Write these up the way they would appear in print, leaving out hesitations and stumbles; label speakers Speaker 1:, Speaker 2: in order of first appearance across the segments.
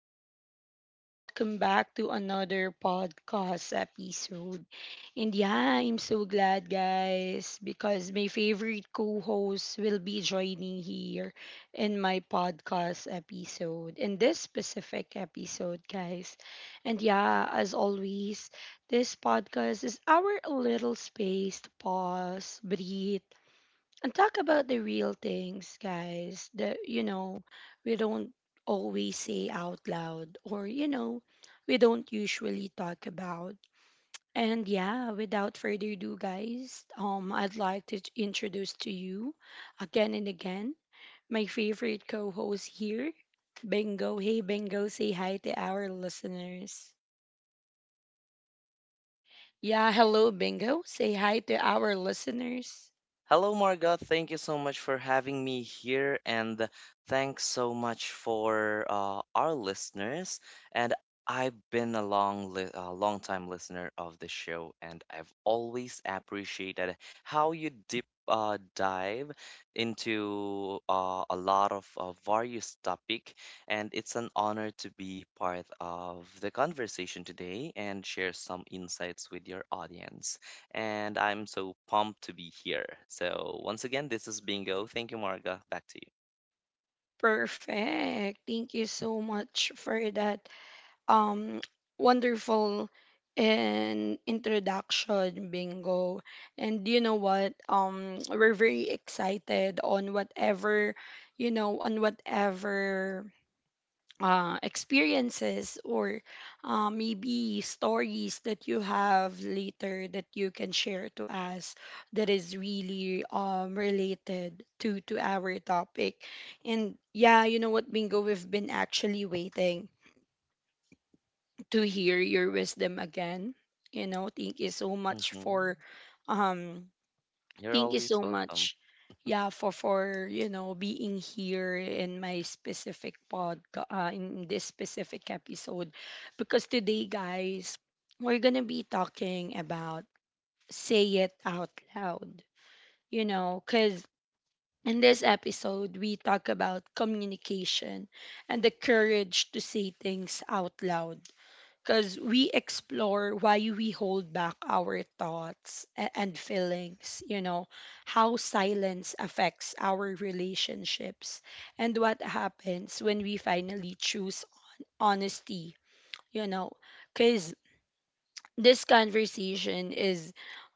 Speaker 1: people, and welcome back to another podcast episode. And yeah, I'm so glad, guys, because my favorite co host will be joining here in my podcast episode, in this specific episode, guys. And yeah, as always, this podcast is our little space to pause, breathe and talk about the real things, guys, that, you know, we don't always say out loud or, you know, we don't usually talk about. And yeah, without further ado, guys, I'd like to introduce to you again and again my favorite co host here, Bingo. Hey, Bingo, say hi to our listeners. Yeah, hello, Bingo. Say hi to our listeners.
Speaker 2: Hello, Margot. Thank you so much for having me here, and thanks so much for our listeners. And I've been a long time listener of the show, and I've always appreciated how you deep dive into a lot of various topic. And it's an honor to be part of the conversation today and share some insights with your audience, and I'm so pumped to be here. So, once again, this is Bingo. Thank you, Marga. Back to
Speaker 1: Perfect. Thank you so much for that um wonderful and introduction Bingo. And you know what, we're very excited on whatever, you know, on whatever experiences or maybe stories that you have later that you can share to us that is really related to our topic. And yeah, you know what, Bingo, we've been actually waiting to hear your wisdom again. You know, thank you so
Speaker 2: you.
Speaker 1: much
Speaker 2: Hmm.
Speaker 1: for um
Speaker 2: You're
Speaker 1: thank you
Speaker 2: always
Speaker 1: so
Speaker 2: welcome.
Speaker 1: much, yeah, for you know being here in my specific pod in this specific episode because today, guys, we're going to be talking about say it out loud. You know, cuz in this episode we talk about communication and the courage to say things out loud because we explore why we hold back our thoughts and feelings, you know, how silence affects our relationships, and what happens when we finally choose honesty, you know, because this conversation is,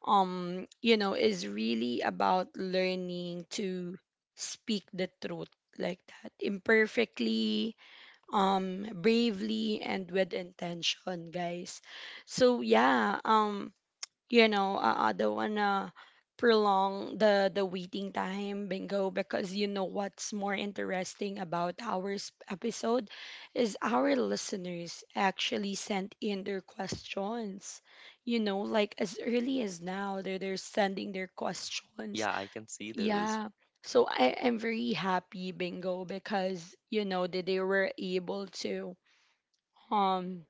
Speaker 1: you know, is really about learning to speak the truth like that, imperfectly, bravely and with intention, guys. So yeah, you know, I don't wanna prolong the waiting time, Bingo, because you know what's more interesting about our episode is our listeners actually sent in their questions. You know, like as early as now, they're sending their questions.
Speaker 2: Yeah, I can see those.
Speaker 1: Yeah. So I am very happy, Bingo, because you know that they were able to um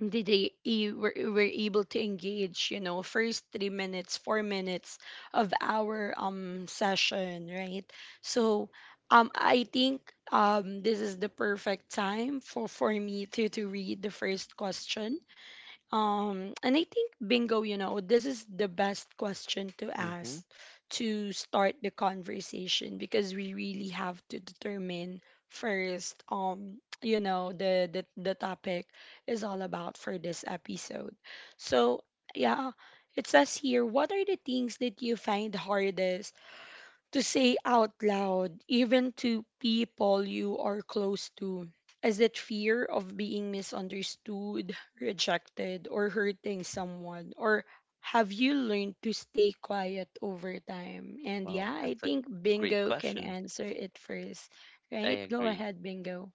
Speaker 1: that they were able to engage, you know, first 3 minutes, 4 minutes of our session, right? So I think this is the perfect time for me to read the first question, and I think, Bingo, you know, this is the best question to
Speaker 2: Hmm.
Speaker 1: ask to start the conversation because we really have to determine first, you know, the topic is all about for this episode. So, yeah, it says here, what are the things that you find hardest to say out loud, even to people you are close to? Is it fear of being misunderstood, rejected, or hurting someone? Or have you learned to stay quiet over time? And
Speaker 2: Wow,
Speaker 1: yeah, I
Speaker 2: that's a
Speaker 1: think
Speaker 2: great
Speaker 1: Bingo can
Speaker 2: question.
Speaker 1: answer it first, right?
Speaker 2: I
Speaker 1: Go
Speaker 2: agree.
Speaker 1: ahead, Bingo.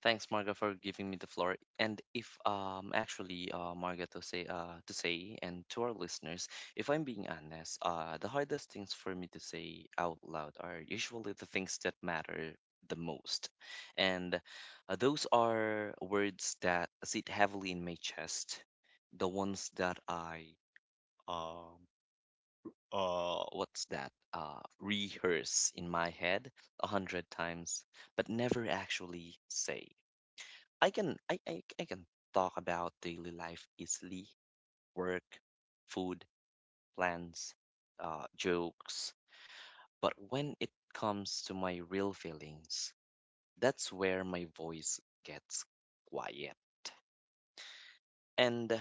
Speaker 2: Thanks, Marga, for giving me the floor. And if actually Marga, to say and to our listeners, if I'm being honest, the hardest things for me to say out loud are usually the things that matter the most. And those are words that sit heavily in my chest, the ones that I um what's that? Rehearse in my head 100 times, but never actually say. I can talk about daily life easily, work, food, plans, jokes. But when it comes to my real feelings, that's where my voice gets quiet. And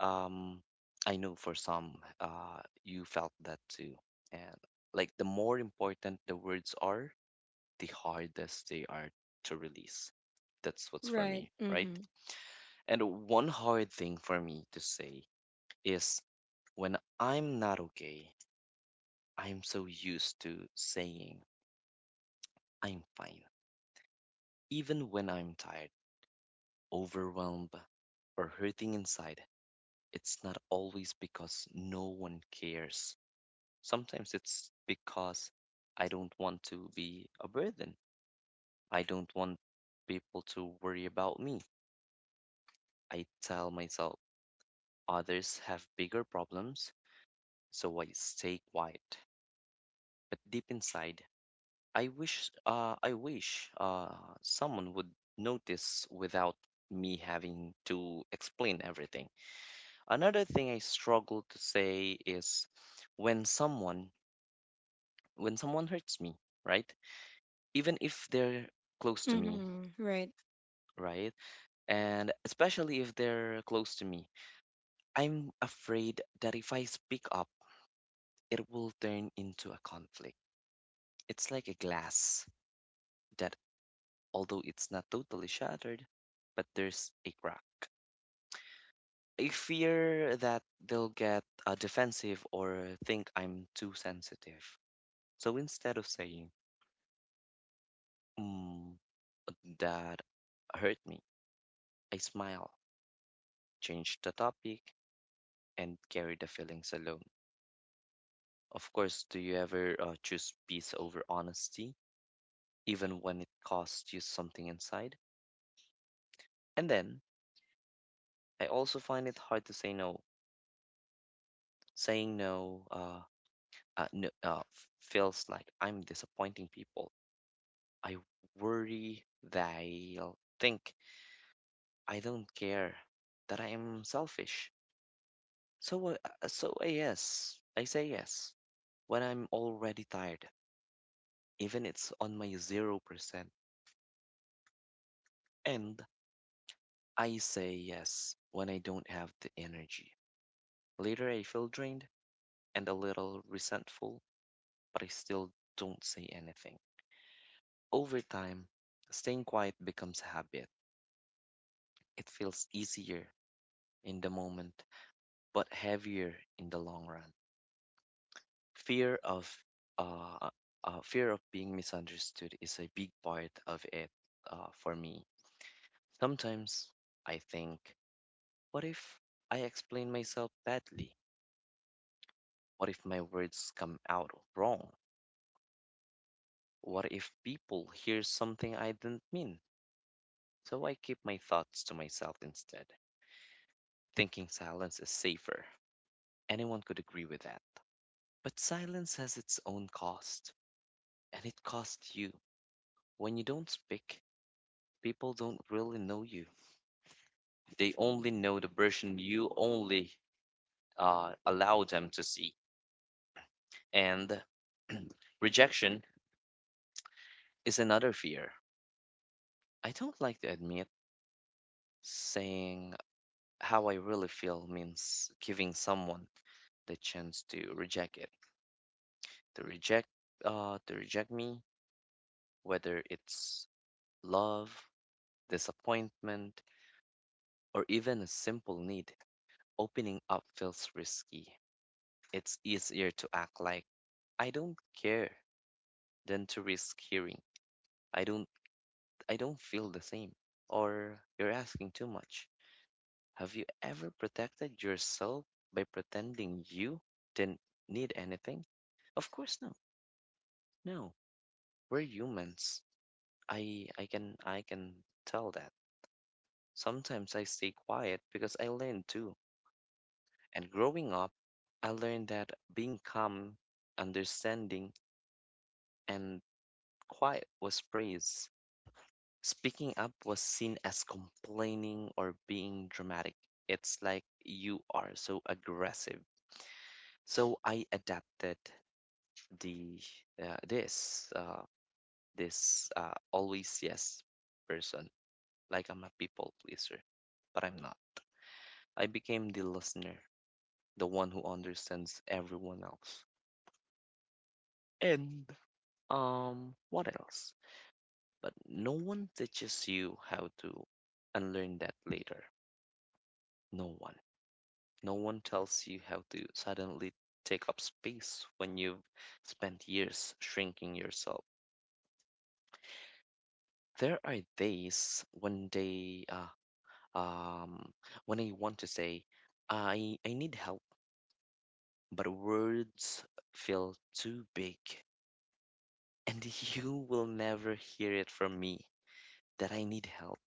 Speaker 2: um, I know for some, you felt that too. And like, the more important the words are, the hardest they are to release. That's what's for
Speaker 1: Right.
Speaker 2: me, right?
Speaker 1: Mm-hmm.
Speaker 2: And one hard thing for me to say is when I'm not okay, I'm so used to saying I'm fine. Even when I'm tired, overwhelmed, or hurting inside, it's not always because no one cares. Sometimes it's because I don't want to be a burden. I don't want people to worry about me. I tell myself others have bigger problems, so I stay quiet. But deep inside, I wish someone would notice without me having to explain everything. Another thing I struggle to say is when someone when someone hurts me, right? Even if they're close to me,
Speaker 1: Mm-hmm. Right.
Speaker 2: right? And especially if they're close to me, I'm afraid that if I speak up, it will turn into a conflict. It's like a glass that, although it's not totally shattered, but there's a crack. I fear that they'll get defensive or think I'm too sensitive. So instead of saying, mm, that hurt me, I smile, change the topic, and carry the feelings alone. Of course, do you ever choose peace over honesty, even when it costs you something inside? And then I also find it hard to say no. Saying no, feels like I'm disappointing people. I worry they'll think I don't care, that I am selfish. So, I, so, I say yes when I'm already tired, even it's on my 0%. And I say yes when I don't have the energy. Later, I feel drained and a little resentful, but I still don't say anything. Over time, staying quiet becomes a habit. It feels easier in the moment, but heavier in the long run. fear of uh, fear of being misunderstood is a big part of it, for me. Sometimes I think, what if I explain myself badly? What if my words come out wrong? What if people hear something I didn't mean? So I keep my thoughts to myself instead, thinking silence is safer. Anyone could agree with that. But silence has its own cost, and it costs you. When you don't speak, people don't really know you. They only know the version you only allow them to see. And rejection is another fear. I don't like to admit, saying how I really feel means giving someone the chance to reject, to reject me, whether it's love, disappointment, or even a simple need. Opening up feels risky. It's easier to act like I don't care than to risk hearing, I don't I don't feel the same, or you're asking too much. Have you ever protected yourself by pretending you didn't need anything? Of course no. No. We're humans. I can tell that. Sometimes I stay quiet because I learned too. And growing up, I learned that being calm, understanding, and quiet was praised. Speaking up was seen as complaining or being dramatic. It's like you are so aggressive. So I adapted the this this always yes person. Like I'm a people pleaser, but I'm not. I became the listener, the one who understands everyone else. And what else? But no one teaches you how to unlearn that later. No one. No one tells you how to suddenly take up space when you've spent years shrinking yourself. There are days um, when I want to say, I need help, but words feel too big, and you will never hear it from me that I need help.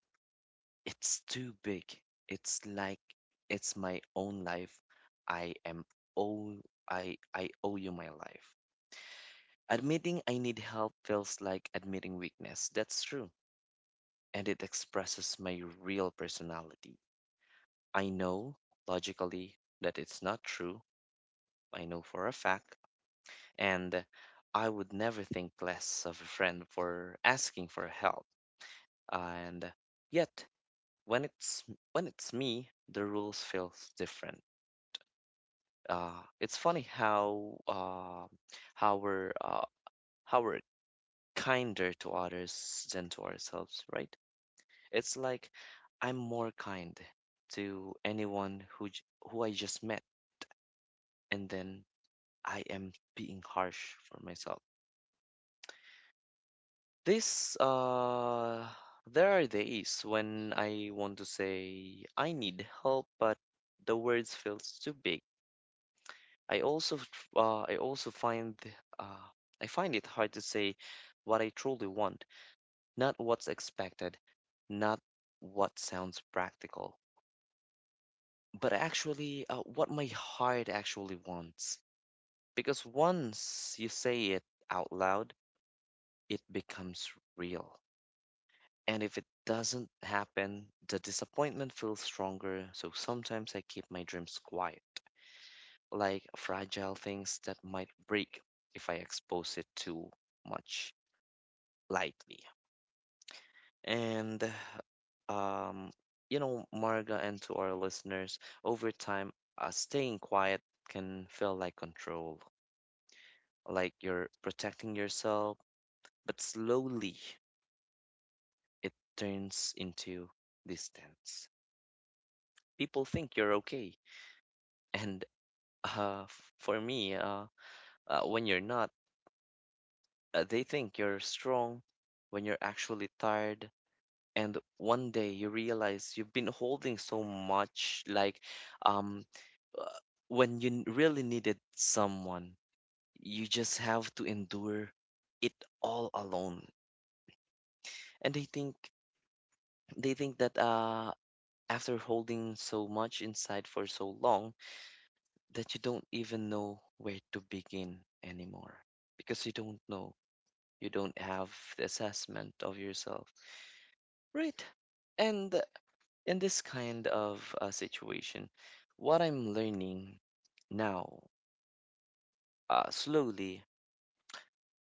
Speaker 2: It's too big. It's like it's my own life. I am owe I owe you my life. Admitting I need help feels like admitting weakness. That's true. And it expresses my real personality. I know logically that it's not true. I know for a fact. And I would never think less of a friend for asking for help. And yet, when it's when it's me, the rules feels different. It's funny how, how we're uh, how we're kinder to others than to ourselves, right? It's like I'm more kind to anyone who I just met, and then I am being harsh for myself. This There are days when I want to say I need help, but the words feels too big. I also f- I also find uh, I find it hard to say what I truly want, not what's expected, not what sounds practical, but actually what my heart actually wants. Because once you say it out loud, it becomes real. And if it doesn't happen, the disappointment feels stronger. So sometimes I keep my dreams quiet, like fragile things that might break if I expose it too much lightly. And um, you know, Marga, and to our listeners, over time, staying quiet can feel like control, like you're protecting yourself, but slowly it turns into distance. People think you're okay, and uh, f- for me, uh, when you're not, they think you're strong when you're actually tired. And one day you realize you've been holding so much, like, um, uh, when you really needed someone, you just have to endure it all alone. And they think that after holding so much inside for so long, that you don't even know where to begin anymore, because you don't know, you don't have the assessment of yourself, right? And in this kind of situation, what I'm learning now, slowly,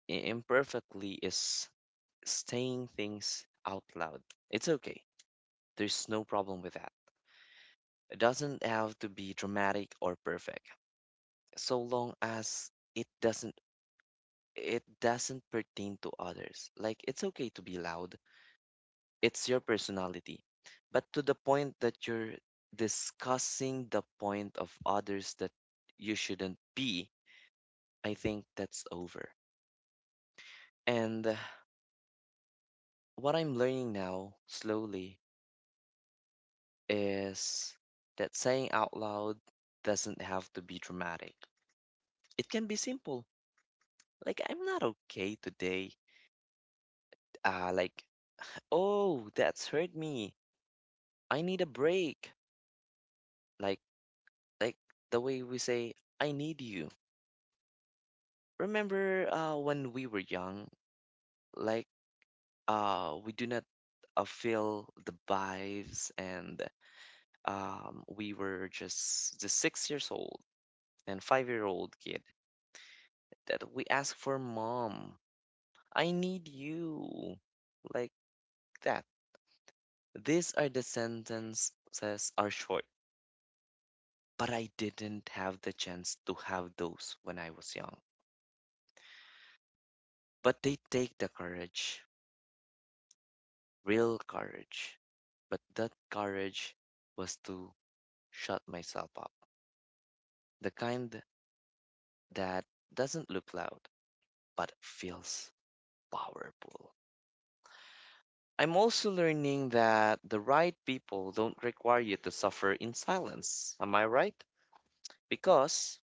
Speaker 2: imperfectly, is saying things out loud. It's okay. There's no problem with that. It doesn't have to be dramatic or perfect, so long as it doesn't, it doesn't pertain to others. Like, it's okay to be loud. It's your personality. But to the point that you're discussing the point of others that you shouldn't be, I think that's over. And what I'm learning now slowly is that saying out loud doesn't have to be dramatic. It can be simple. Like, I'm not okay today. Like, oh, that's hurt me. I need a break. Like, like the way we say, I need you. Remember when we were young, like, we do not feel the vibes, and we were just the 6 years old and 5-year-old kid that we ask for mom. I need you. Like that. These are the sentences are short, but I didn't have the chance to have those when I was young. But they take the courage, real courage. But that courage was to shut myself up. The kind that doesn't look loud, but feels powerful. I'm also learning that the right people don't require you to suffer in silence. Am I right? Because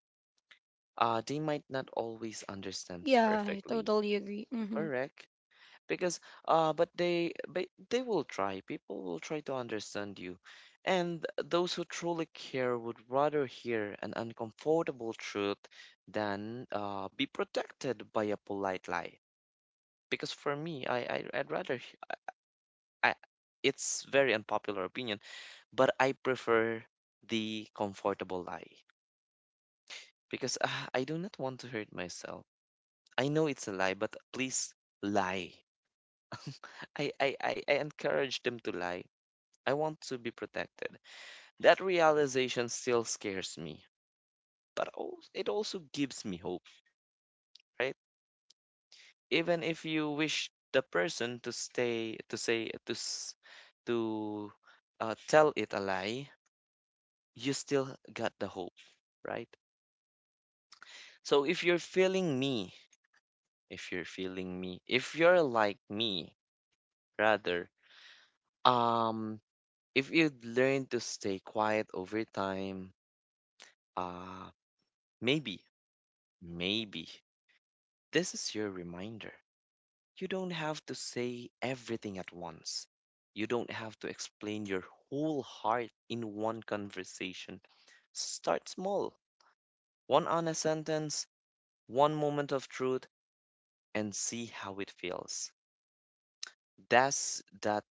Speaker 2: they might not always understand
Speaker 1: Yeah, I
Speaker 2: perfectly.
Speaker 1: totally agree. Mm-hmm.
Speaker 2: Correct. Because but they will try people will try to understand you, and those who truly care would rather hear an uncomfortable truth than be protected by a polite lie, because for me, I I'd rather h- I, it's very unpopular opinion, but I prefer the comfortable lie, because I do not want to hurt myself. I know it's a lie, but please lie. I encourage them to lie. I want to be protected. That realization still scares me, but it also gives me hope, right? Even if you wish the person to stay, to say, to s- to tell it a lie, you still got the hope, right? So if you're feeling me, if you're like me, rather, um, if you learn to stay quiet over time, uh, maybe, maybe. This is your reminder. You don't have to say everything at once. You don't have to explain your whole heart in one conversation. Start small. One honest sentence, one moment of truth, and see how it feels. Does that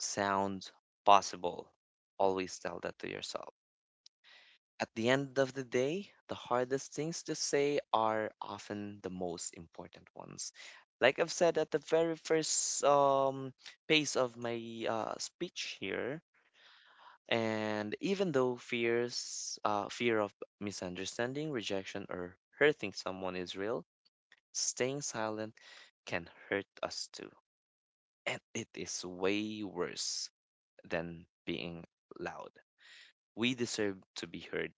Speaker 2: sound possible? Always tell that to yourself. At the end of the day, the hardest things to say are often the most important ones. Like I've said at the very first pace of my speech here, and even though fear of misunderstanding, rejection, or hurting someone is real, staying silent can hurt us too. And it is way worse than being loud. We deserve to be heard,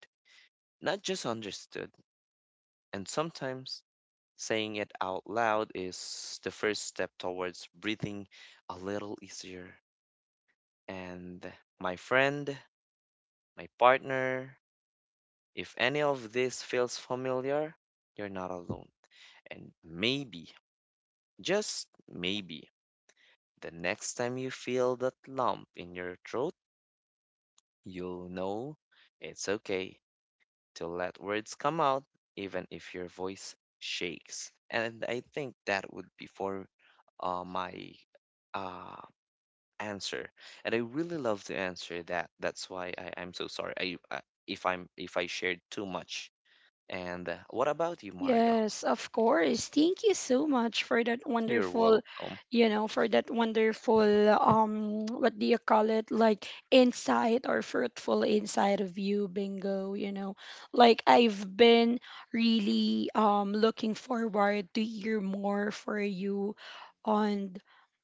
Speaker 2: not just understood. And sometimes saying it out loud is the first step towards breathing a little easier. And my friend, my partner, if any of this feels familiar, you're not alone. And maybe, just maybe, the next time you feel that lump in your throat, you'll know it's okay to let words come out, even if your voice shakes. And I think that would be for my uh, answer. And I really love to answer that. That's why I'm so sorry I, if I'm if I shared too much. And what about you, Marga?
Speaker 1: Yes, of course. Thank you so much for that
Speaker 2: You're
Speaker 1: wonderful,
Speaker 2: welcome.
Speaker 1: you know, for that wonderful what do you call it, like insight or fruitful insight of you, Bingo, you know. Like I've been really looking forward to hear more for you on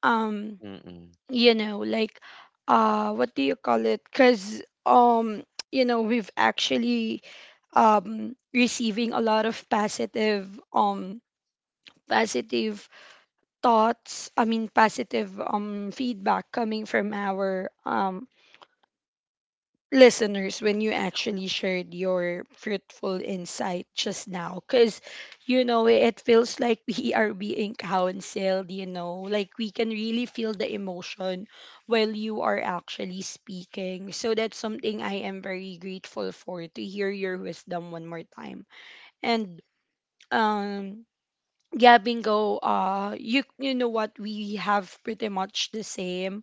Speaker 1: um
Speaker 2: Mm-mm.
Speaker 1: you know, like what do you call it? 'Cause you know, we've actually receiving a lot of positive um positive thoughts, I mean positive feedback coming from our listeners when you actually shared your fruitful insight just now because you know it feels like we are being counseled, you know, like we can really feel the emotion while you are actually speaking. So that's something I am very grateful for, to hear your wisdom one more time. And um yeah, Bingo, you, you know what, we have pretty much the same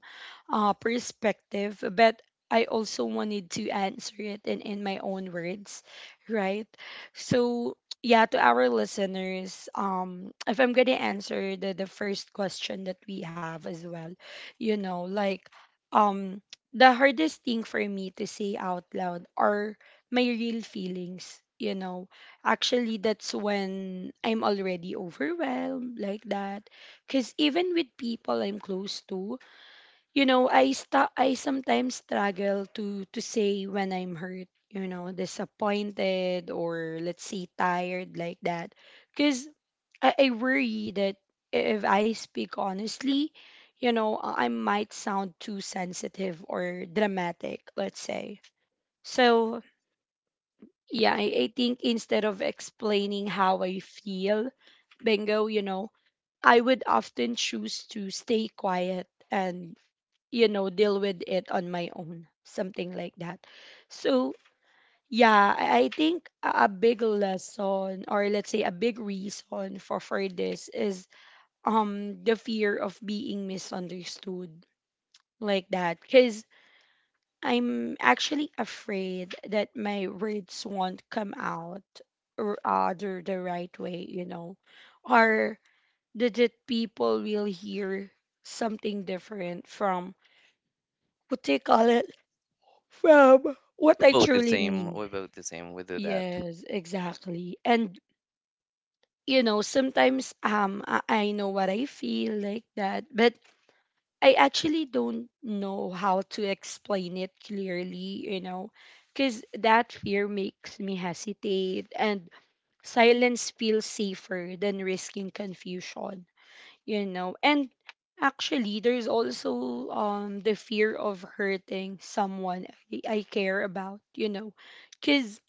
Speaker 1: perspective, but I also wanted to answer it in my own words, right? So yeah, to our listeners, if I'm gonna answer the first question that we have as well, you know, like um the hardest thing for me to say out loud are my real feelings, you know. Actually, that's when I'm already overwhelmed like that. Because even with people I'm close to, you know, I sometimes struggle to say when I'm hurt, you know, disappointed or let's say tired like that. Because I worry that if I speak honestly, you know, I might sound too sensitive or dramatic, let's say. So yeah, I think instead of explaining how I feel, Bingo, you know, I would often choose to stay quiet and, you know, deal with it on my own, something like that. So, yeah, I think a big lesson, or let's say a big reason for this is the fear of being misunderstood like that. Because I'm actually afraid that my words won't come out or the right way, you know, or that people will hear something different from what they call it, from what
Speaker 2: We're
Speaker 1: I
Speaker 2: both the
Speaker 1: truly
Speaker 2: same.
Speaker 1: mean.
Speaker 2: We're both the same. We do that.
Speaker 1: Yes, exactly. And you know, sometimes I know what I feel like that, but I actually don't know how to explain it clearly, you know, because that fear makes me hesitate and silence feels safer than risking confusion, you know. And actually, there's also the fear of hurting someone I care about, you know, because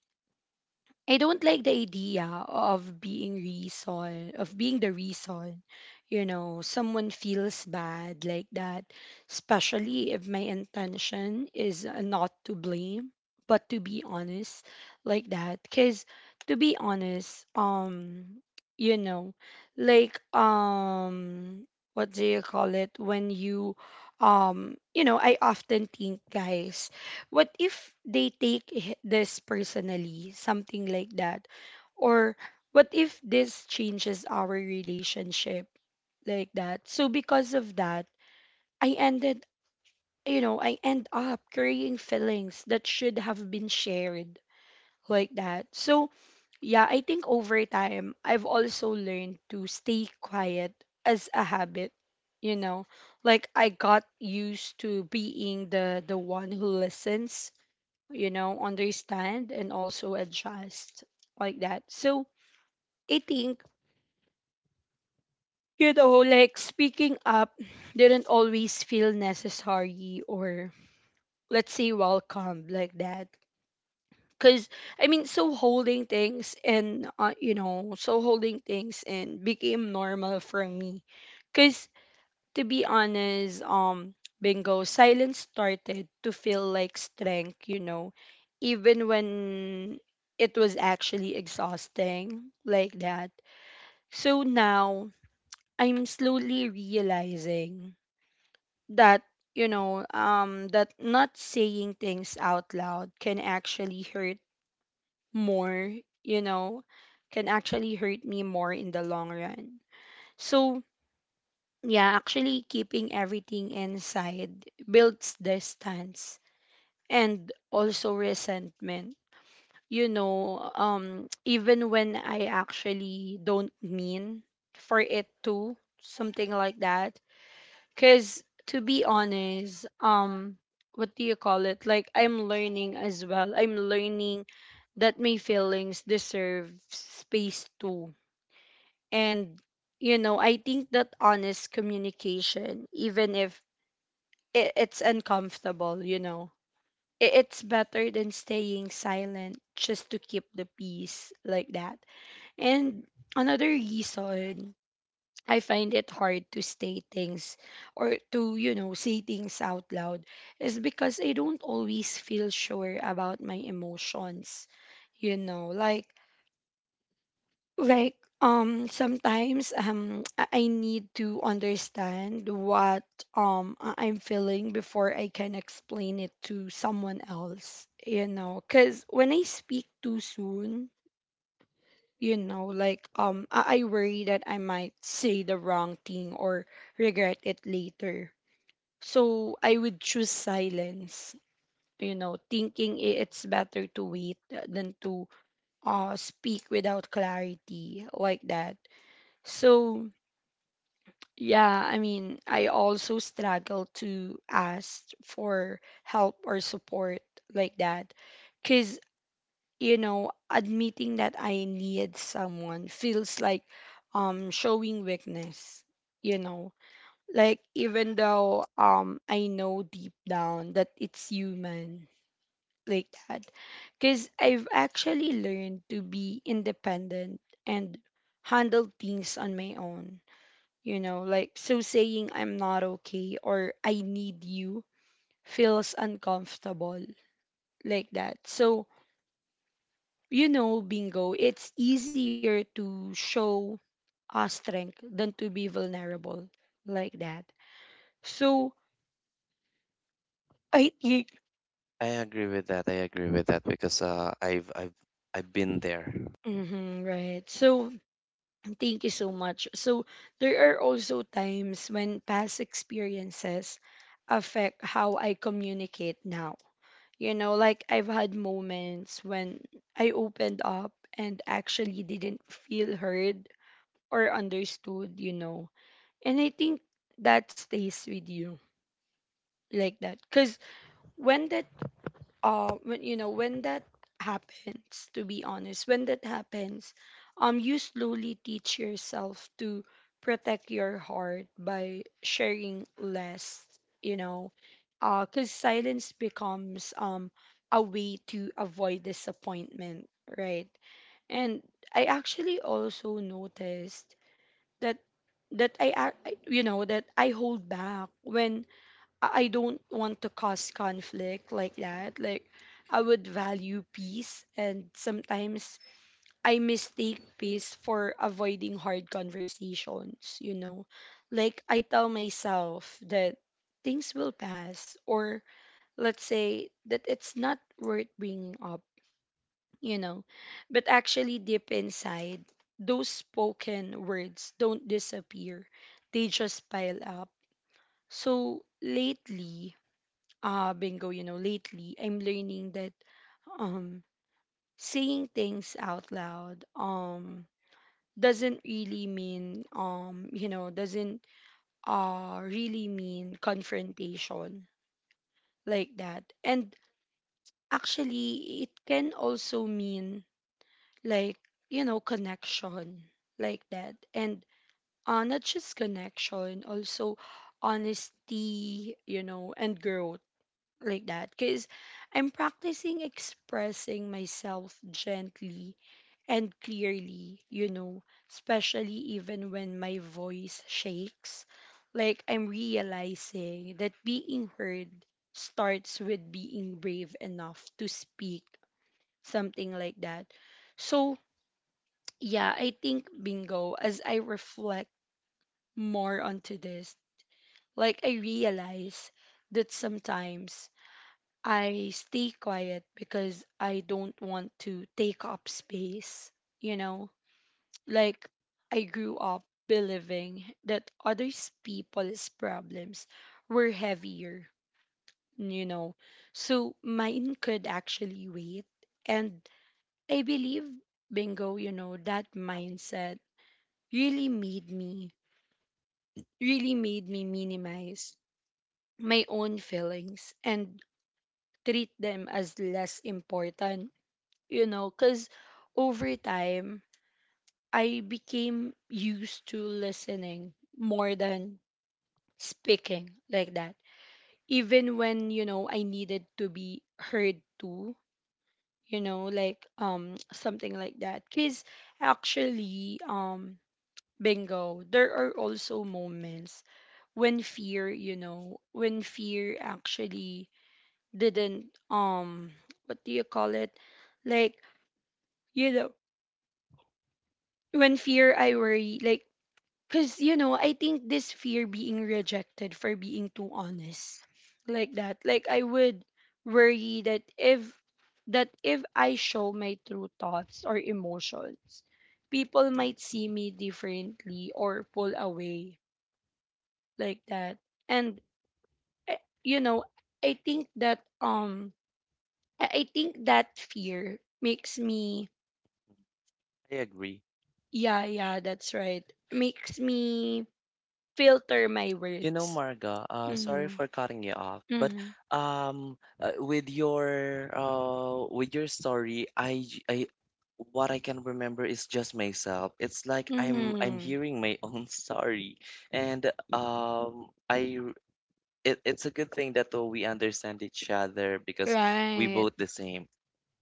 Speaker 1: I don't like the idea of being reason of being the reason, you know, someone feels bad like that, especially if my intention is not to blame, but to be honest like that. Cause to be honest, you know, like what do you call it when you you know, I often think, guys, what if they take this personally, something like that? Or what if this changes our relationship like that? So because of that, I ended, you know, I end up carrying feelings that should have been shared like that. So, yeah, I think over time, I've also learned to stay quiet as a habit, you know. Like I got used to being the one who listens, you know, understand and also adjust like that. So I think, you know, like speaking up didn't always feel necessary or let's say welcome like that. Cause I mean, so holding things and you know, so holding things and became normal for me. Cause to be honest, Bingo, silence started to feel like strength, you know, even when it was actually exhausting like that. So now I'm slowly realizing that, you know, that not saying things out loud can actually hurt more, you know, can actually hurt me more in the long run. So yeah, actually keeping everything inside builds distance and also resentment. You know, even when I actually don't mean for it to something like that. Cuz to be honest, what do you call it? Like I'm learning as well. I'm learning that my feelings deserve space too. And you know, I think that honest communication, even if it's uncomfortable, you know. It, it's better than staying silent just to keep the peace like that. And another reason I find it hard to state things or to, you know, say things out loud is because I don't always feel sure about my emotions. You know, like sometimes I need to understand what I'm feeling before I can explain it to someone else, you know, cuz when I speak too soon, you know, like I worry that I might say the wrong thing or regret it later. So I would choose silence, you know, thinking it's better to wait than to speak without clarity like that. So, yeah, I mean, I also struggle to ask for help or support like that. Because, you know, admitting that I need someone feels like showing weakness, you know. Like even though I know deep down that it's human like that. Because I've actually learned to be independent and handle things on my own, you know, like so saying I'm not okay or I need you feels uncomfortable like that. So you know, Bingo, it's easier to show a strength than to be vulnerable like that. So I think
Speaker 2: I agree with that. I agree with that because I've been there.
Speaker 1: mhm, right, so thank you so much. So there are also times when past experiences affect how I communicate now. You know, like I've had moments when I opened up and actually didn't feel heard or understood, you know. And I think that stays with you like that because when that when you know when that happens to be honest when that happens, you slowly teach yourself to protect your heart by sharing less, you know, because silence becomes a way to avoid disappointment, right? And I actually also noticed that that I hold back when I don't want to cause conflict, like that. Like, I would value peace, and sometimes I mistake peace for avoiding hard conversations, you know. Like, I tell myself that things will pass, or let's say that it's not worth bringing up, you know. But actually, deep inside, those spoken words don't disappear, they just pile up. So lately, bingo, lately I'm learning that, um saying things out loud, um, doesn't really mean confrontation, like that. And actually, it can also mean, like, you know, connection, like that. And not just connection, also honesty, you know, and growth, like that. Because I'm practicing expressing myself gently and clearly, you know, especially even when my voice shakes. Like, I'm realizing that being heard starts with being brave enough to speak, something like that. So yeah, I think, bingo, as I reflect more onto this, like, I realize that sometimes I stay quiet because I don't want to take up space, you know? Like, I grew up believing that others people's problems were heavier, you know. So mine could actually wait. And I believe, bingo, you know, that mindset really made me really made me minimize my own feelings and treat them as less important, you know, because over time, I became used to listening more than speaking, like that. Even when, you know, I needed to be heard too, you know, like, something like that. Cause actually, bingo, there are also moments when fear actually didn't what do you call it? Like, you know, when fear I worry, like, cuz, you know, I think this fear being rejected for being too honest. Like that. Like, I would worry that if I show my true thoughts or emotions, people might see me differently or pull away, like that. And eh, you know i think that um I think that fear makes me,
Speaker 2: I agree.
Speaker 1: yeah, yeah, that's right, makes me filter my
Speaker 2: You know,
Speaker 1: words.
Speaker 2: Marga, sorry
Speaker 1: Mhm.
Speaker 2: for cutting you off, but
Speaker 1: Mhm.
Speaker 2: with your story, what I can remember is just myself. It's like I'm
Speaker 1: Mhm.
Speaker 2: hearing my own story, and um, I r- it, it's a good thing that we understand each other because we
Speaker 1: Right.
Speaker 2: both the same,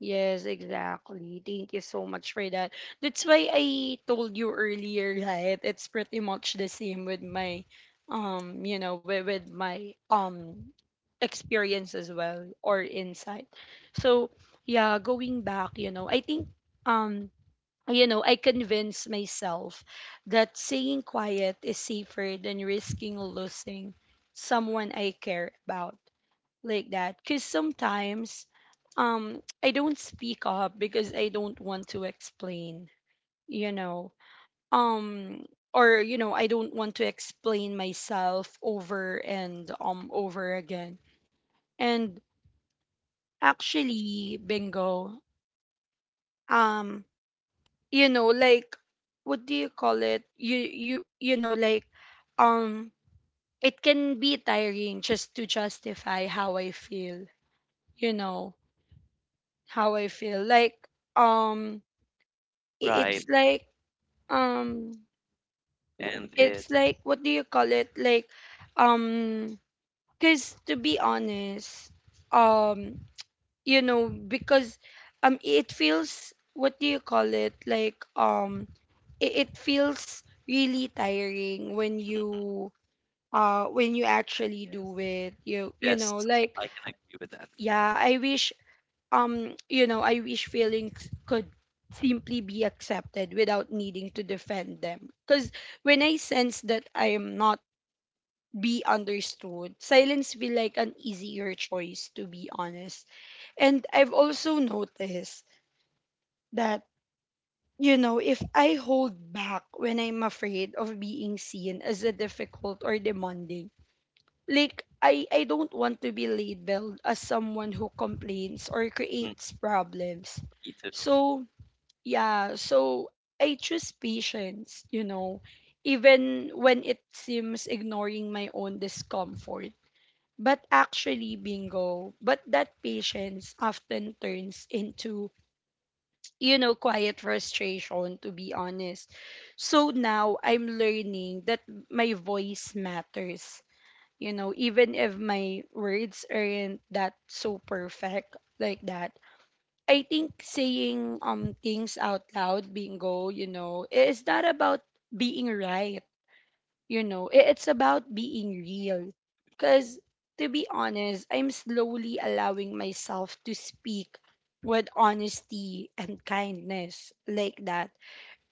Speaker 1: Yes, exactly. Thank you so much for that. That's why I told you earlier, right? It's pretty much the same with my, you know, with my experience as well, or insight. So yeah, going back, you know, I think, um, I convinced myself that staying quiet is safer than risking losing someone I care about, like that. Because sometimes I don't speak up because I don't want to explain, you know. Um or you know I don't want to explain myself over and over again. And actually, bingo, um you know like what do you call it? Um it can be tiring just to justify how I feel, you know, how I feel. Like, um it's
Speaker 2: right?
Speaker 1: like, um
Speaker 2: And it
Speaker 1: it's like, what do you call it? Like, um cuz to be honest, um because it feels, what do you call it? Like, it, it feels really tiring when you actually do it. You
Speaker 2: Yes,
Speaker 1: know, like,
Speaker 2: I can agree with that.
Speaker 1: yeah, I wish, I wish feelings could simply be accepted without needing to defend them, because when I sense that I am not be understood, silence feel like an easier choice, to be honest. And I've also noticed that, you know, if I hold back when I'm afraid of being seen as a difficult or demanding, like, I don't want to be labeled as someone who complains or
Speaker 2: Mm,
Speaker 1: creates problems.
Speaker 2: me too.
Speaker 1: So yeah, so I choose patience, you know, even when it seems ignoring my own discomfort. But actually, bingo, but that patience often turns into, you know, quiet frustration, to be honest. So now I'm learning that my voice matters, you know, even if my words aren't that so perfect, like that. I think saying things out loud, bingo, you know, it's not about being right, you know. It's about being real. Cause to be honest, I'm slowly allowing myself to speak with honesty and kindness, like that.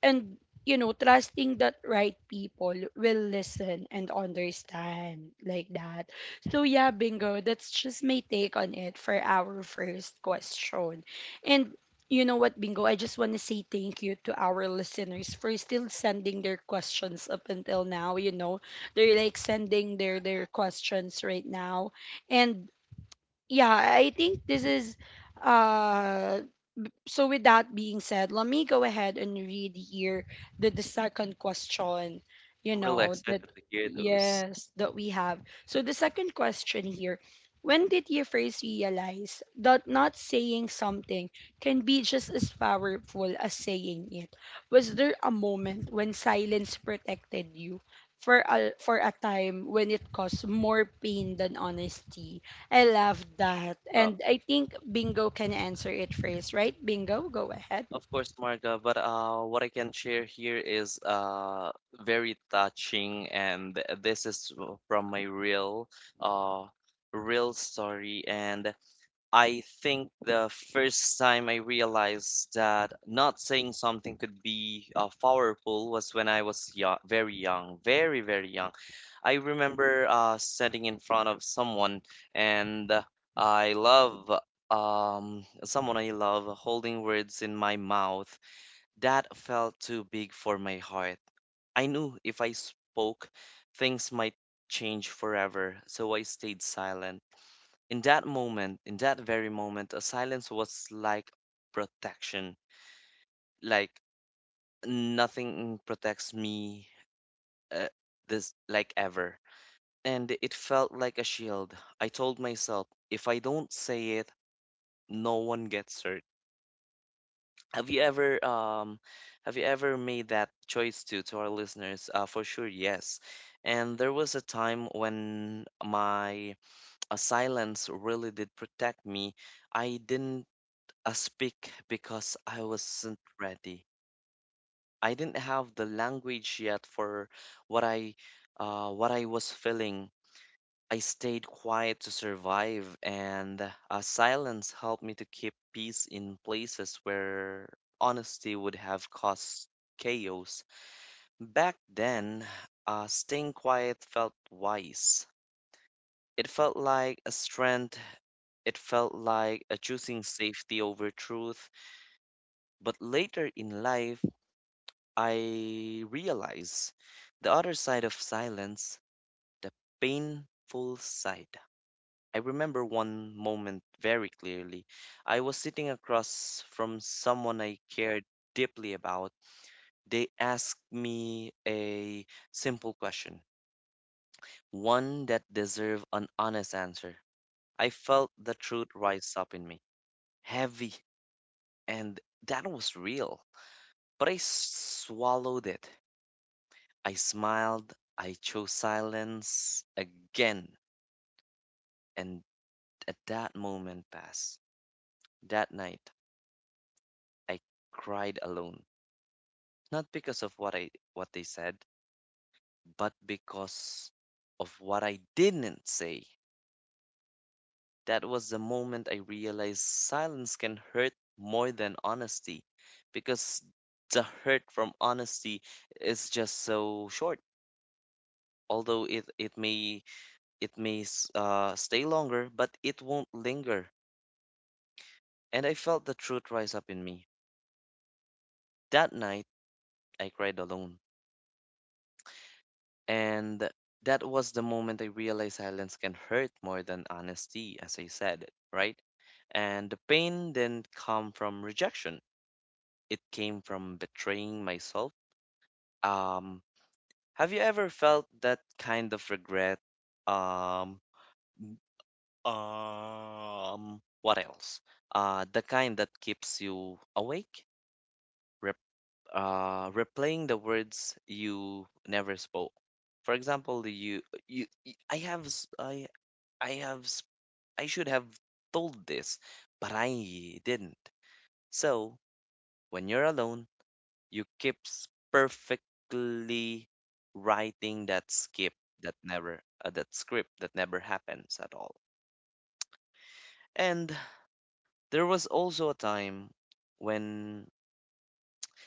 Speaker 1: And, you know, trusting that right people will listen and understand, like that. So yeah, bingo, that's just my take on it for our first question. And, you know what, bingo, I just want to say thank you to our listeners for still sending their questions up until now, you know. They're like sending their questions right now. And yeah, I think this is, uh so, with that being said, let me go ahead and read here the second question, you
Speaker 2: I'm really
Speaker 1: know,
Speaker 2: excited
Speaker 1: that
Speaker 2: to hear those.
Speaker 1: yes, that we have. So, the second question here: when did you first realize that not saying something can be just as powerful as saying it? Was there a moment when silence protected you for a time when it caused more pain than honesty? I love that.
Speaker 2: uh,
Speaker 1: And I think Bingo can answer it first, right? Bingo, go ahead.
Speaker 2: Of course, Marga, but what I can share here is very touching, and this is from my uh, real story. And I think the first time I realized that not saying something could be powerful was when I was young, very, very young. I remember sitting in front of someone, and I love someone I love holding words in my mouth that felt too big for my heart. I knew if I spoke, things might change forever, so I stayed silent. In that moment, in that very moment, a silence was like protection. Like nothing protects me uh, this like ever. And it felt like a shield. I told myself, if I don't say it, no one gets hurt. Have you ever um have you ever made that choice too to our listeners? For sure, yes. And there was a time when my silence really did protect me. I didn't I speak because I wasn't ready. I didn't have the language yet for what I what I was feeling. I stayed quiet to survive, and silence helped me to keep peace in places where honesty would have caused chaos. Back then, staying quiet felt wise. It felt like a strength. It felt like a choosing safety over truth. But later in life, I realize the other side of silence, the painful side. I remember one moment very clearly. I was sitting across from someone I cared deeply about. They asked me a simple question, one that deserved an honest answer. I felt the truth rise up in me, heavy, and that was real. But I swallowed it. I smiled, I chose silence again, and at that moment passed. That night, I cried alone, not because of what they said, but because of what I didn't say. That was the moment I realized silence can hurt more than honesty, because the hurt from honesty is just so short. Although it may it may stay longer, but it won't linger and I felt the truth rise up in me. That night, I cried alone. And that was the moment I realized silence can hurt more than honesty, as I said, right? And the pain didn't come from rejection, it came from betraying myself. Um, have you ever felt that kind of regret? Um, what else? The kind that keeps you awake replaying the words you never spoke. For example, you y- I have s- I have s- I should have told this, but I didn't. So when you're alone, perfectly writing that script that never happens at all. And there was also a time when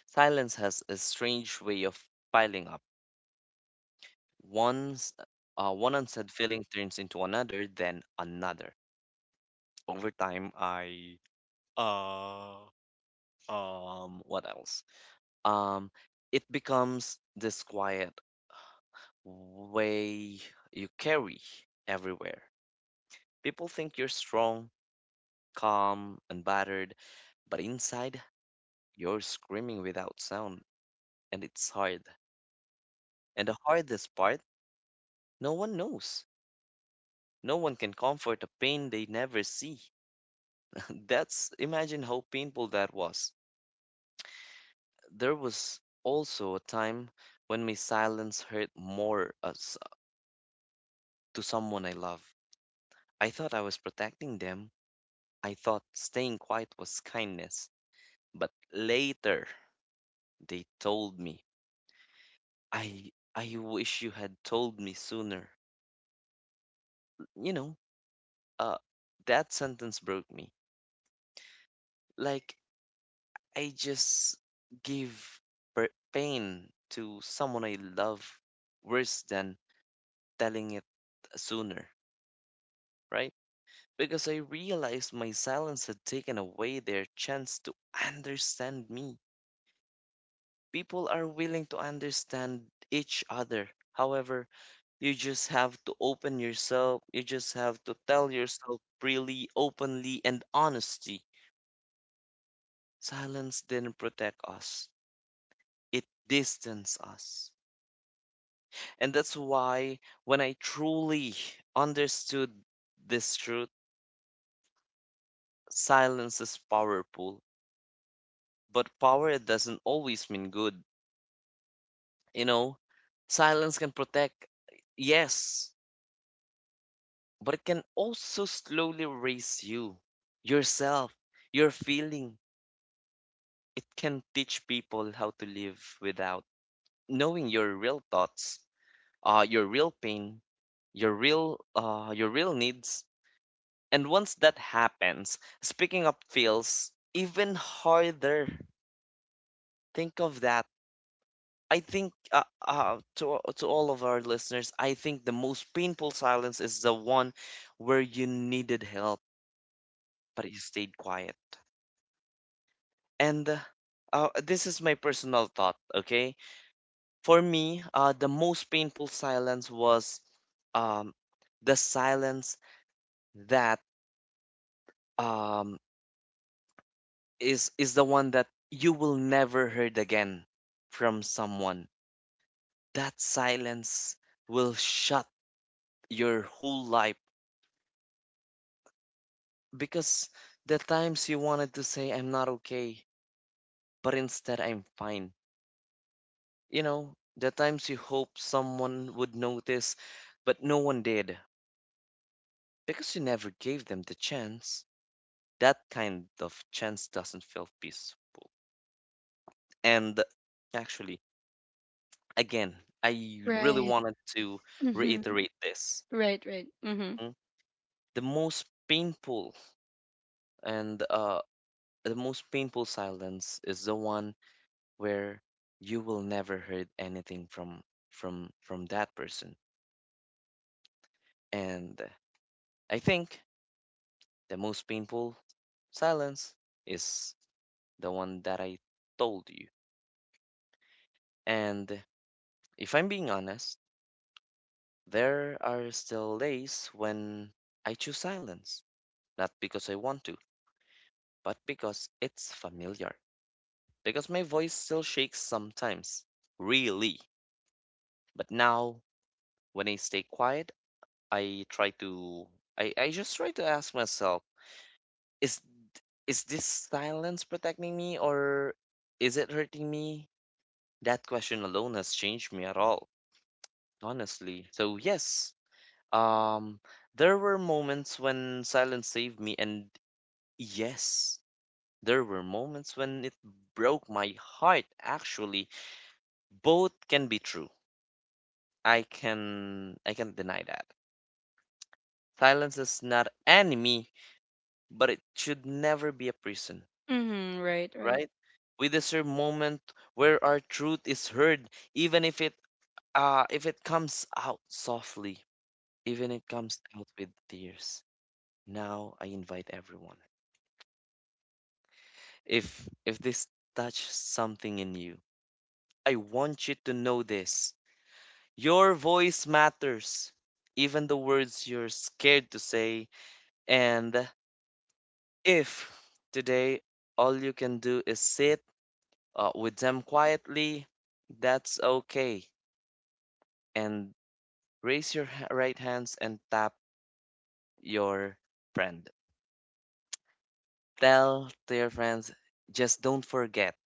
Speaker 2: silence has a strange way of piling up. Once One unsaid feeling turns into another, then another. Over time, I uh what else? Um, it becomes this quiet way you carry everywhere. People think you're strong, calm, and battered, but inside you're screaming without sound, and it's hard. And the hardest part, no one knows. No one can comfort a pain they never see. That's imagine how painful that was. There was also a time when my silence hurt more as to someone I love. I thought I was protecting them. I thought staying quiet was kindness. But later they told me, "I wish you had told me sooner." You know, uh that sentence broke me. Like I just give pain to someone I love worse than telling it sooner, right? Because I realized my silence had taken away their chance to understand me. People are willing to understand each other. However, you just have to open yourself. You just have to tell yourself freely, openly, and honestly. Silence didn't protect us, it distanced us. And that's why when I truly understood this truth, silence is powerful. But power doesn't always mean good. You know, silence can protect, yes, but it can also slowly raise you, yourself, your feeling. It can teach people how to live without knowing your real thoughts, your real pain, your real needs. And once that happens, speaking up feels even harder. Think of that. I think to all of our listeners, I think the most painful silence is the one where you needed help but you stayed quiet. And this is my personal thought. Okay, for me, the most painful silence was um, the silence that um, is the one that you will never heard again from someone. That silence will shut your whole life because the times you wanted to say I'm not okay, but instead I'm fine. You know, the times you hoped someone would notice, but no one did because you never gave them the chance. That kind of chance doesn't feel peaceful. And actually, again, I really
Speaker 1: Right.
Speaker 2: wanted to
Speaker 1: Mm-hmm.
Speaker 2: reiterate this.
Speaker 1: Right, right. Mm-hmm.
Speaker 2: Mm. The most painful and the most painful silence is the one where you will never heard anything from that person. And I think the most painful silence is the one that I told you. And if I'm being honest, there are still days when I choose silence, not because I want to, but because it's familiar. Because my voice still shakes sometimes, really. But now, when I stay quiet, I try to I just try to ask myself, is is this silence protecting me or is it hurting me? That question alone has changed me at all, honestly. So yes, um there were moments when silence saved me and yes, there were moments when it broke my heart actually. Both can be true. I can't deny that. Silence is not enemy, but it should never be a prison,
Speaker 1: Mm-hmm. Right, right.
Speaker 2: right? We deserve moment where our truth is heard, even if it comes out softly, even it comes out with tears. Now I invite everyone. If this touch something in you, I want you to know this. Your voice matters, even the words you're scared to say. And if today all you can do is sit with them quietly, that's okay. And right hands and tap your friend. Tell to your friends, just don't forget,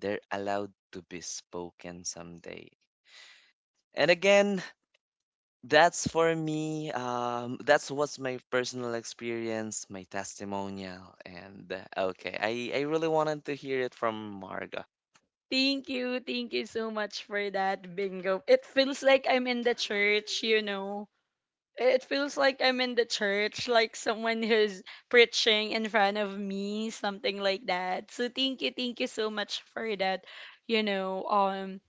Speaker 2: they're allowed to be spoken someday. And again, that's for me. That's what's my personal experience, my testimonial, and okay, I really wanted to hear it from Marga.
Speaker 1: Thank you. Thank you so much for that, Bingo. It feels like I'm in the church, you know. It feels like I'm in the church, like someone who's preaching in front of me, something like that. So thank you so much for that, you know.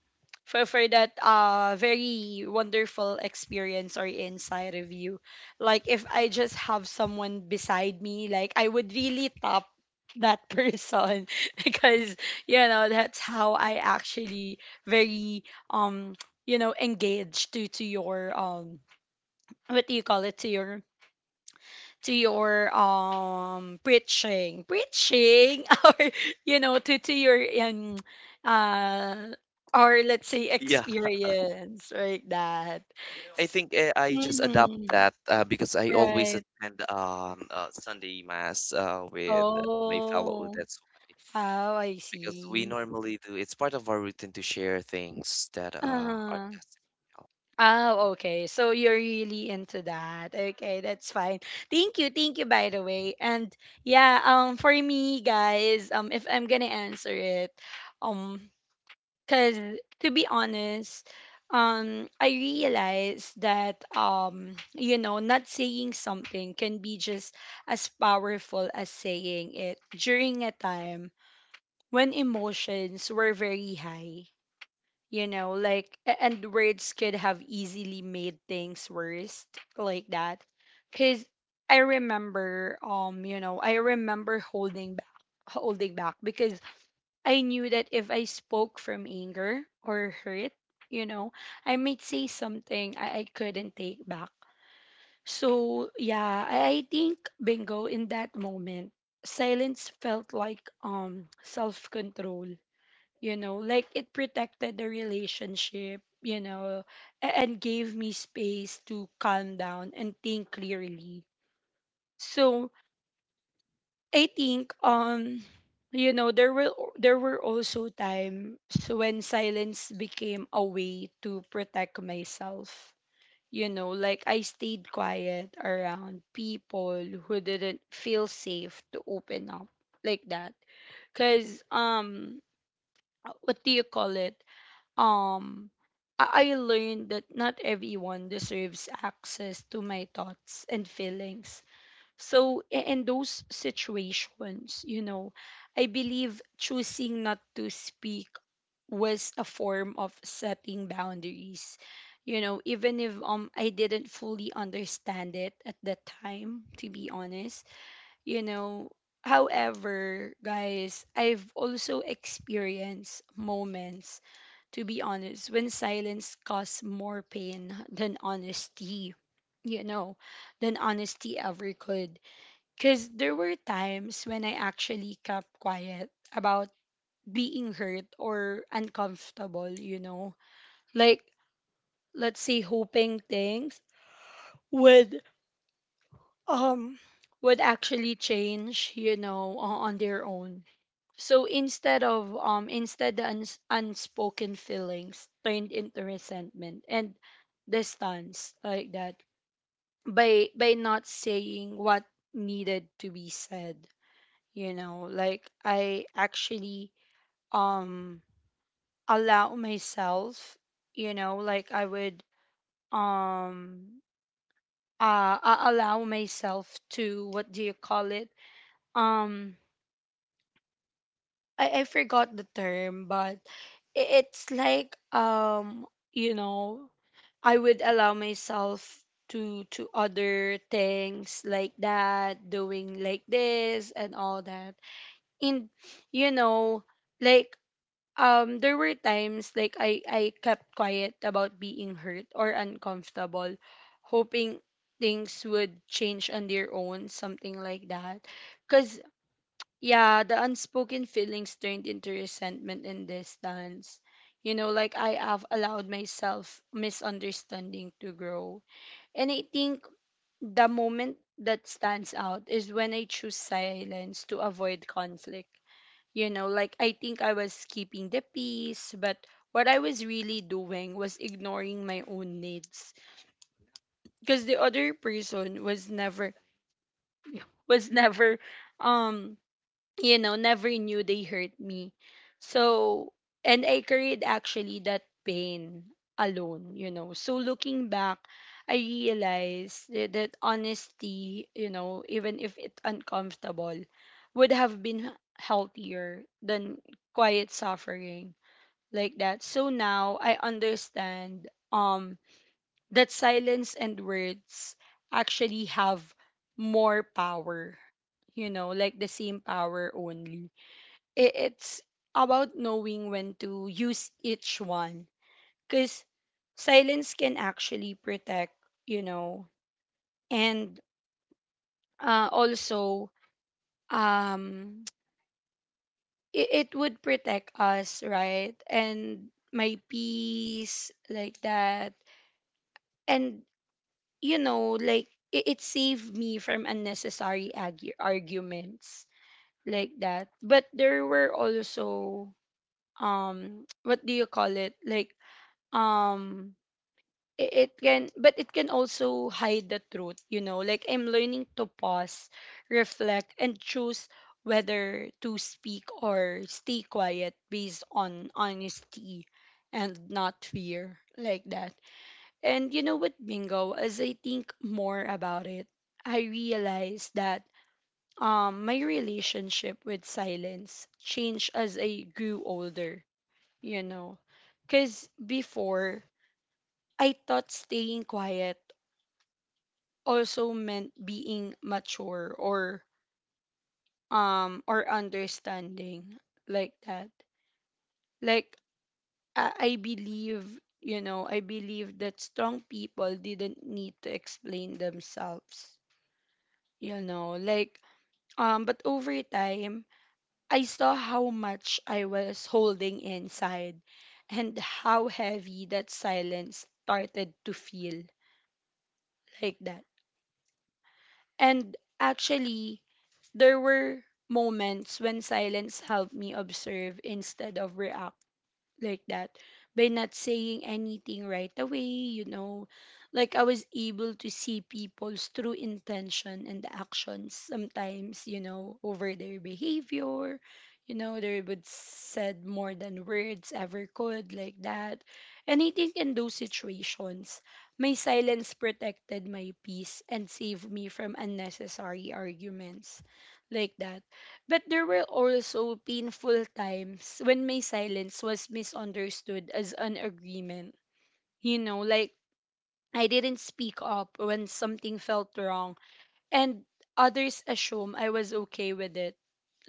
Speaker 1: For that very wonderful experience or inside of you. Like, if I just have someone beside me, like, I would really top that person, because, you know, that's how I actually very um you know engaged to your what do you call it, to your preaching, preaching, or, you know, to your uh or let's say
Speaker 2: Yeah,
Speaker 1: experience, like that.
Speaker 2: I think I just adopt
Speaker 1: Hmm.
Speaker 2: that because I always
Speaker 1: Right.
Speaker 2: attend Sunday mass with my fellow.
Speaker 1: Oh.
Speaker 2: That's why.
Speaker 1: Oh, I
Speaker 2: Because we
Speaker 1: see.
Speaker 2: normally do. It's part of our routine to share things that are
Speaker 1: Uh-huh.
Speaker 2: testimonial.
Speaker 1: Oh, okay. So you're really into that. Okay, that's fine. Thank you. Thank you, by the way. And yeah, for me, guys, if I'm going to answer it, um cause to be honest, I realized that, not saying something can be just as powerful as saying it during a time when emotions were very high. You know, like, a- and words could have easily made things worse, like that. Cause I remember, I remember holding back because I knew that if I spoke from anger or hurt, you know, I might say something I couldn't take back. So yeah, I think, bingo, in that moment, silence felt like self control, you know, like, it protected the relationship, you know, a- and gave me space to calm down and think clearly. So, I think, there were also times when silence became a way to protect myself. You know, like, I stayed quiet around people who didn't feel safe to open up, like that. Cause, what do you call it? Um I I learned that not everyone deserves access to my thoughts and feelings. So, in those situations, you know, I believe choosing not to speak was a form of setting boundaries. You know, even if I didn't fully understand it at that time, to be honest, you know. However, guys, I've also experienced moments, to be honest, when silence caused more pain than honesty, you know, than honesty ever could. Because there were times when I actually kept quiet about being hurt or uncomfortable, you know. Like, let's say, hoping things would, um would actually change, you know, o- on their own. So instead of, instead, the unspoken feelings turned into resentment and distance, like that. By not saying what needed to be said, you know, like, I actually, um allow myself, you know, like, I would, um I allow myself to what do you call it, um I forgot the term, but it's like, you know I would allow myself to other things, like that, doing like this and all that. And, you know, like, there were times like, I kept quiet about being hurt or uncomfortable, hoping things would change on their own, something like that. Cause yeah, the unspoken feelings turned into resentment and distance. You know, like, I have allowed myself misunderstanding to grow. And I think the moment that stands out is when I choose silence to avoid conflict, you know. Like, I think I was keeping the peace, but what I was really doing was ignoring my own needs, because the other person was never was never, um never knew they hurt me. So, and I carried actually that pain alone, you know. So looking back, I realized that honesty, you know, even if it's uncomfortable, would have been healthier than quiet suffering, like that. So now I understand that silence and words actually have more power. You know, like, the same power only. It's about knowing when to use each one cuz silence can actually protect, you know, and also um it would protect us, right? And my peace like that. And you know, like it saved me from unnecessary arguments like that. But there were also what do you call it? Like um it can but it can also hide the truth, you know. Like I'm learning to pause, reflect and choose whether to speak or stay quiet based on honesty and not fear like that. And you know what, Bingo, as I think more about it, I realized that my relationship with silence changed as I grew older, you know. Because before, I thought staying quiet also meant being mature or understanding like that. Like I believe, you know, I believe that strong people didn't need to explain themselves you know like but over time, I saw how much I was holding inside and how heavy that silence started to feel like that. And actually, there were moments when silence helped me observe instead of react like that by not saying anything right away, you know, like I was able to see people's true intention and actions sometimes, you know, over their behavior. You know, they would said more than words ever could like that. And I think in those situations my silence protected my peace and saved me from unnecessary arguments like that. But there were also painful times when my silence was misunderstood as an agreement. You know, like I didn't speak up when something felt wrong, and others assume I was okay with it,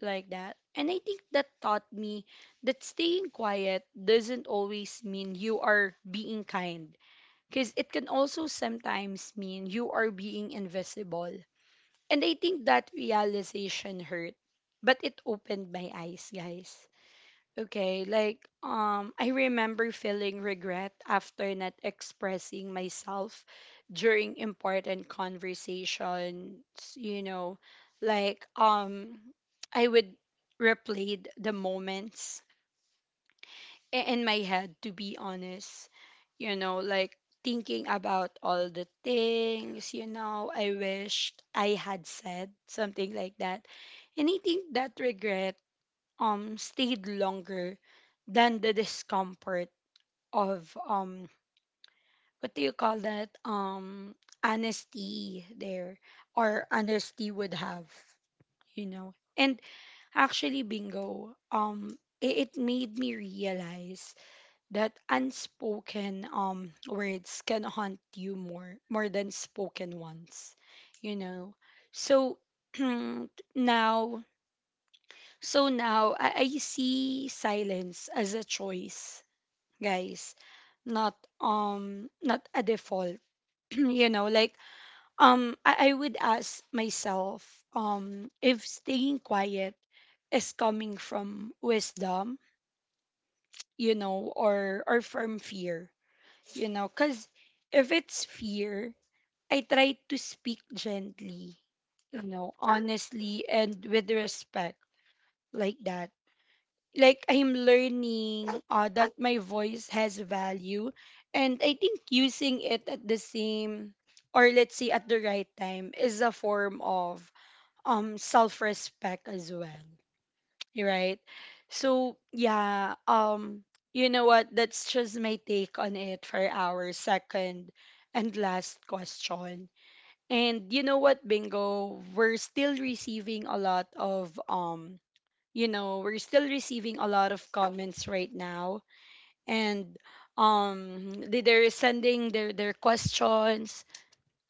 Speaker 1: like that. And I think that taught me that staying quiet doesn't always mean you are being kind, because it can also sometimes mean you are being invisible. And I think that realization hurt, but it opened my eyes, guys. Okay, like I remember feeling regret after not expressing myself during important conversations, you know, like I would replay the moments in my head to be honest, you know, like thinking about all the things, you know, I wished I had said something like that. And I think that regret stayed longer than the discomfort of what do you call that, honesty there, or honesty would have, you know. And actually Bingo, it made me realize that unspoken words can haunt you more than spoken ones, you know. So now, so now I see silence as a choice, guys, not not a default. You know, like I would ask myself if staying quiet is coming from wisdom, you know, or from fear, you know, because if it's fear, I try to speak gently, you know, honestly and with respect, like that. Like I'm learning that my voice has value, and I think using it at the same, or let's say at the right time, is a form of self-respect as well. Right. So, yeah, you know what? That's just my take on it for our second and last question. And you know what, Bingo? We're still receiving a lot of you know, we're still receiving a lot of comments right now. And they're sending their questions,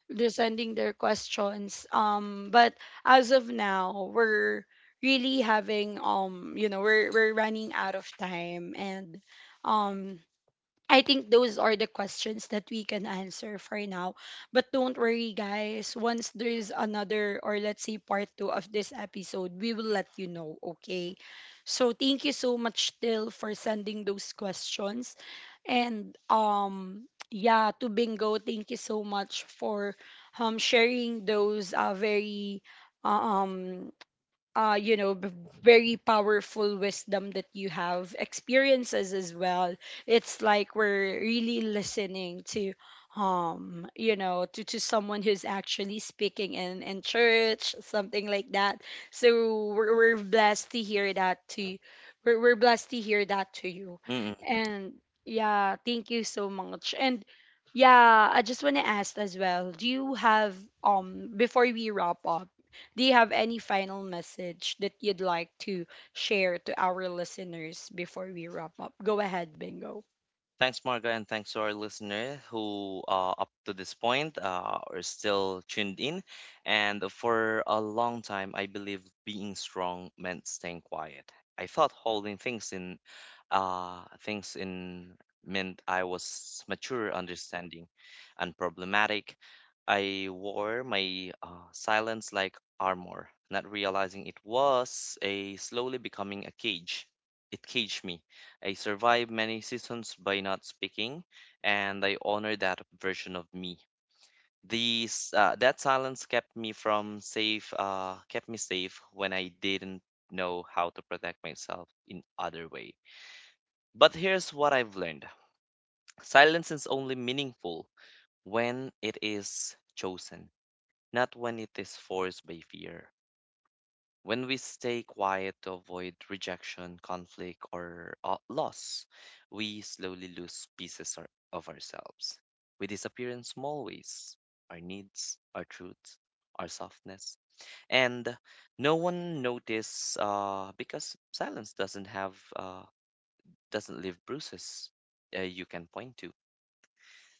Speaker 1: they're sending their questions. But as of now, we're really having you know, we're running out of time, and um, I think those are the questions that we can answer for now. But don't worry, guys. Once there is another, or let's say part two of this episode, we will let you know, okay? So thank you so much, Till, for sending those questions. And yeah, to Bingo, thank you so much for sharing those very uh, um you know, very powerful wisdom that you have, experiences as well. It's like we're really listening to, you know, to someone who's actually speaking in church, something like that. So we're blessed to hear that to, we're blessed to hear that to you. And yeah, thank you so much. And yeah, I just want to ask as well, do you have, before we wrap up, do you have any final message that you'd like to share to our listeners before we wrap up? Go ahead, Bingo.
Speaker 2: Thanks, Marga, and thanks to our listener who, up to this point, are still tuned in. And for a long time, I believed being strong meant staying quiet. I thought holding things in meant I was mature, understanding, and problematic. I wore my silence like armor, not realizing it was a slowly becoming a cage. It caged me. I survived many seasons by not speaking, and I honor that version of me. These That silence kept me kept me safe when I didn't know how to protect myself in other way. But here's what I've learned: silence is only meaningful when it is chosen, not when it is forced by fear. When we stay quiet to avoid rejection, conflict, or loss, we slowly lose of ourselves. We disappear in small ways, our needs, our truth, our softness. And no one notices because silence doesn't doesn't leave bruises you can point to.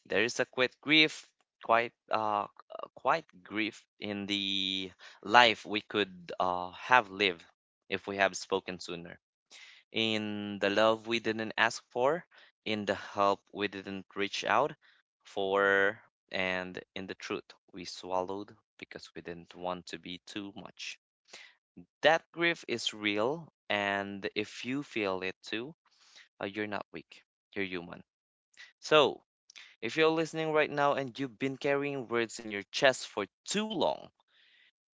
Speaker 2: There is a quite grief, quite uh, quite grief in the life we could have lived if we have spoken sooner. In the love we didn't ask for, in the help we didn't reach out for, and in the truth we swallowed because we didn't want to be too much. That grief is real, and if you feel it too, you're not weak. You're human. So, if you're listening right now and you've been carrying words in your chest for too long,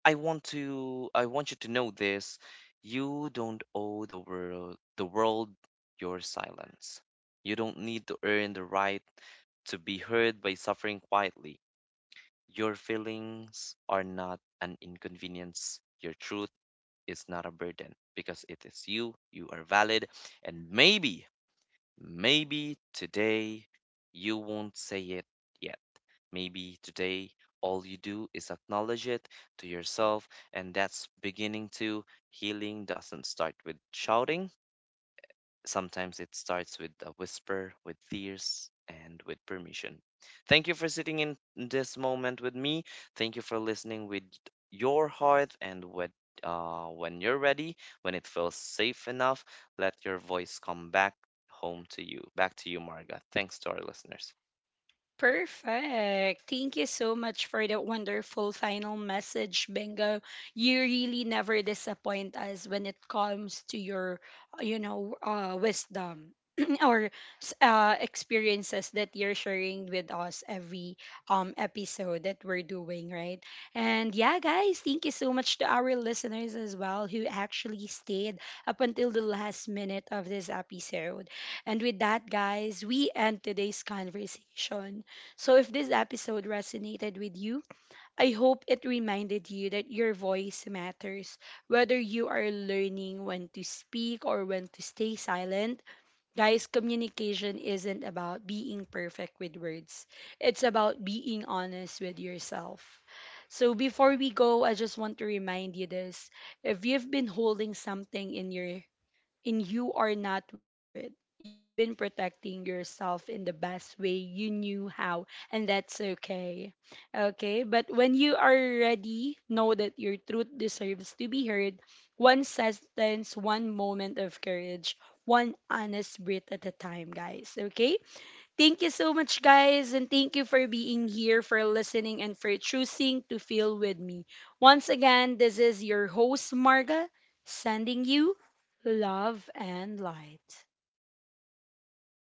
Speaker 2: I want you to know this. You don't owe the world your silence. You don't need to earn the right to be heard by suffering quietly. Your feelings are not an inconvenience. Your truth is not a burden because it is you. You are valid. And maybe, maybe today you won't say it yet. Maybe today all you do is acknowledge it to yourself, and that's beginning to. Healing doesn't start with shouting, sometimes it starts with a whisper, with tears, and with permission. Thank you for sitting in this moment with me. Thank you for listening with your heart and with. When you're ready, when it feels safe enough, let your voice come back home to you. Back to you, Marga. Thanks to our listeners.
Speaker 1: Perfect. Thank you so much for that wonderful final message, Bingo. You really never disappoint us when it comes to your, you know, wisdom or experiences that you're sharing with us every episode that we're doing, right? And yeah, guys, thank you so much to our listeners as well who actually stayed up until the last minute of this episode. And with that, guys, we end today's conversation. So, if this episode resonated with you, I hope it reminded you that your voice matters. Whether you are learning when to speak or when to stay silent, guys, communication isn't about being perfect with words, it's about being honest with yourself. So, before we go, I just want to remind you this. If you've been holding something in your and you are not weak for it. You've been protecting yourself in the best way you knew how, and that's okay. Okay, but when you are ready, know that your truth deserves to be heard. One sentence, one moment of courage, one honest breath at a time, guys. Okay, thank you so much, guys, and thank you for being here, for listening, and for choosing to feel with me. Once again, this is your host, Marga, sending you love and light.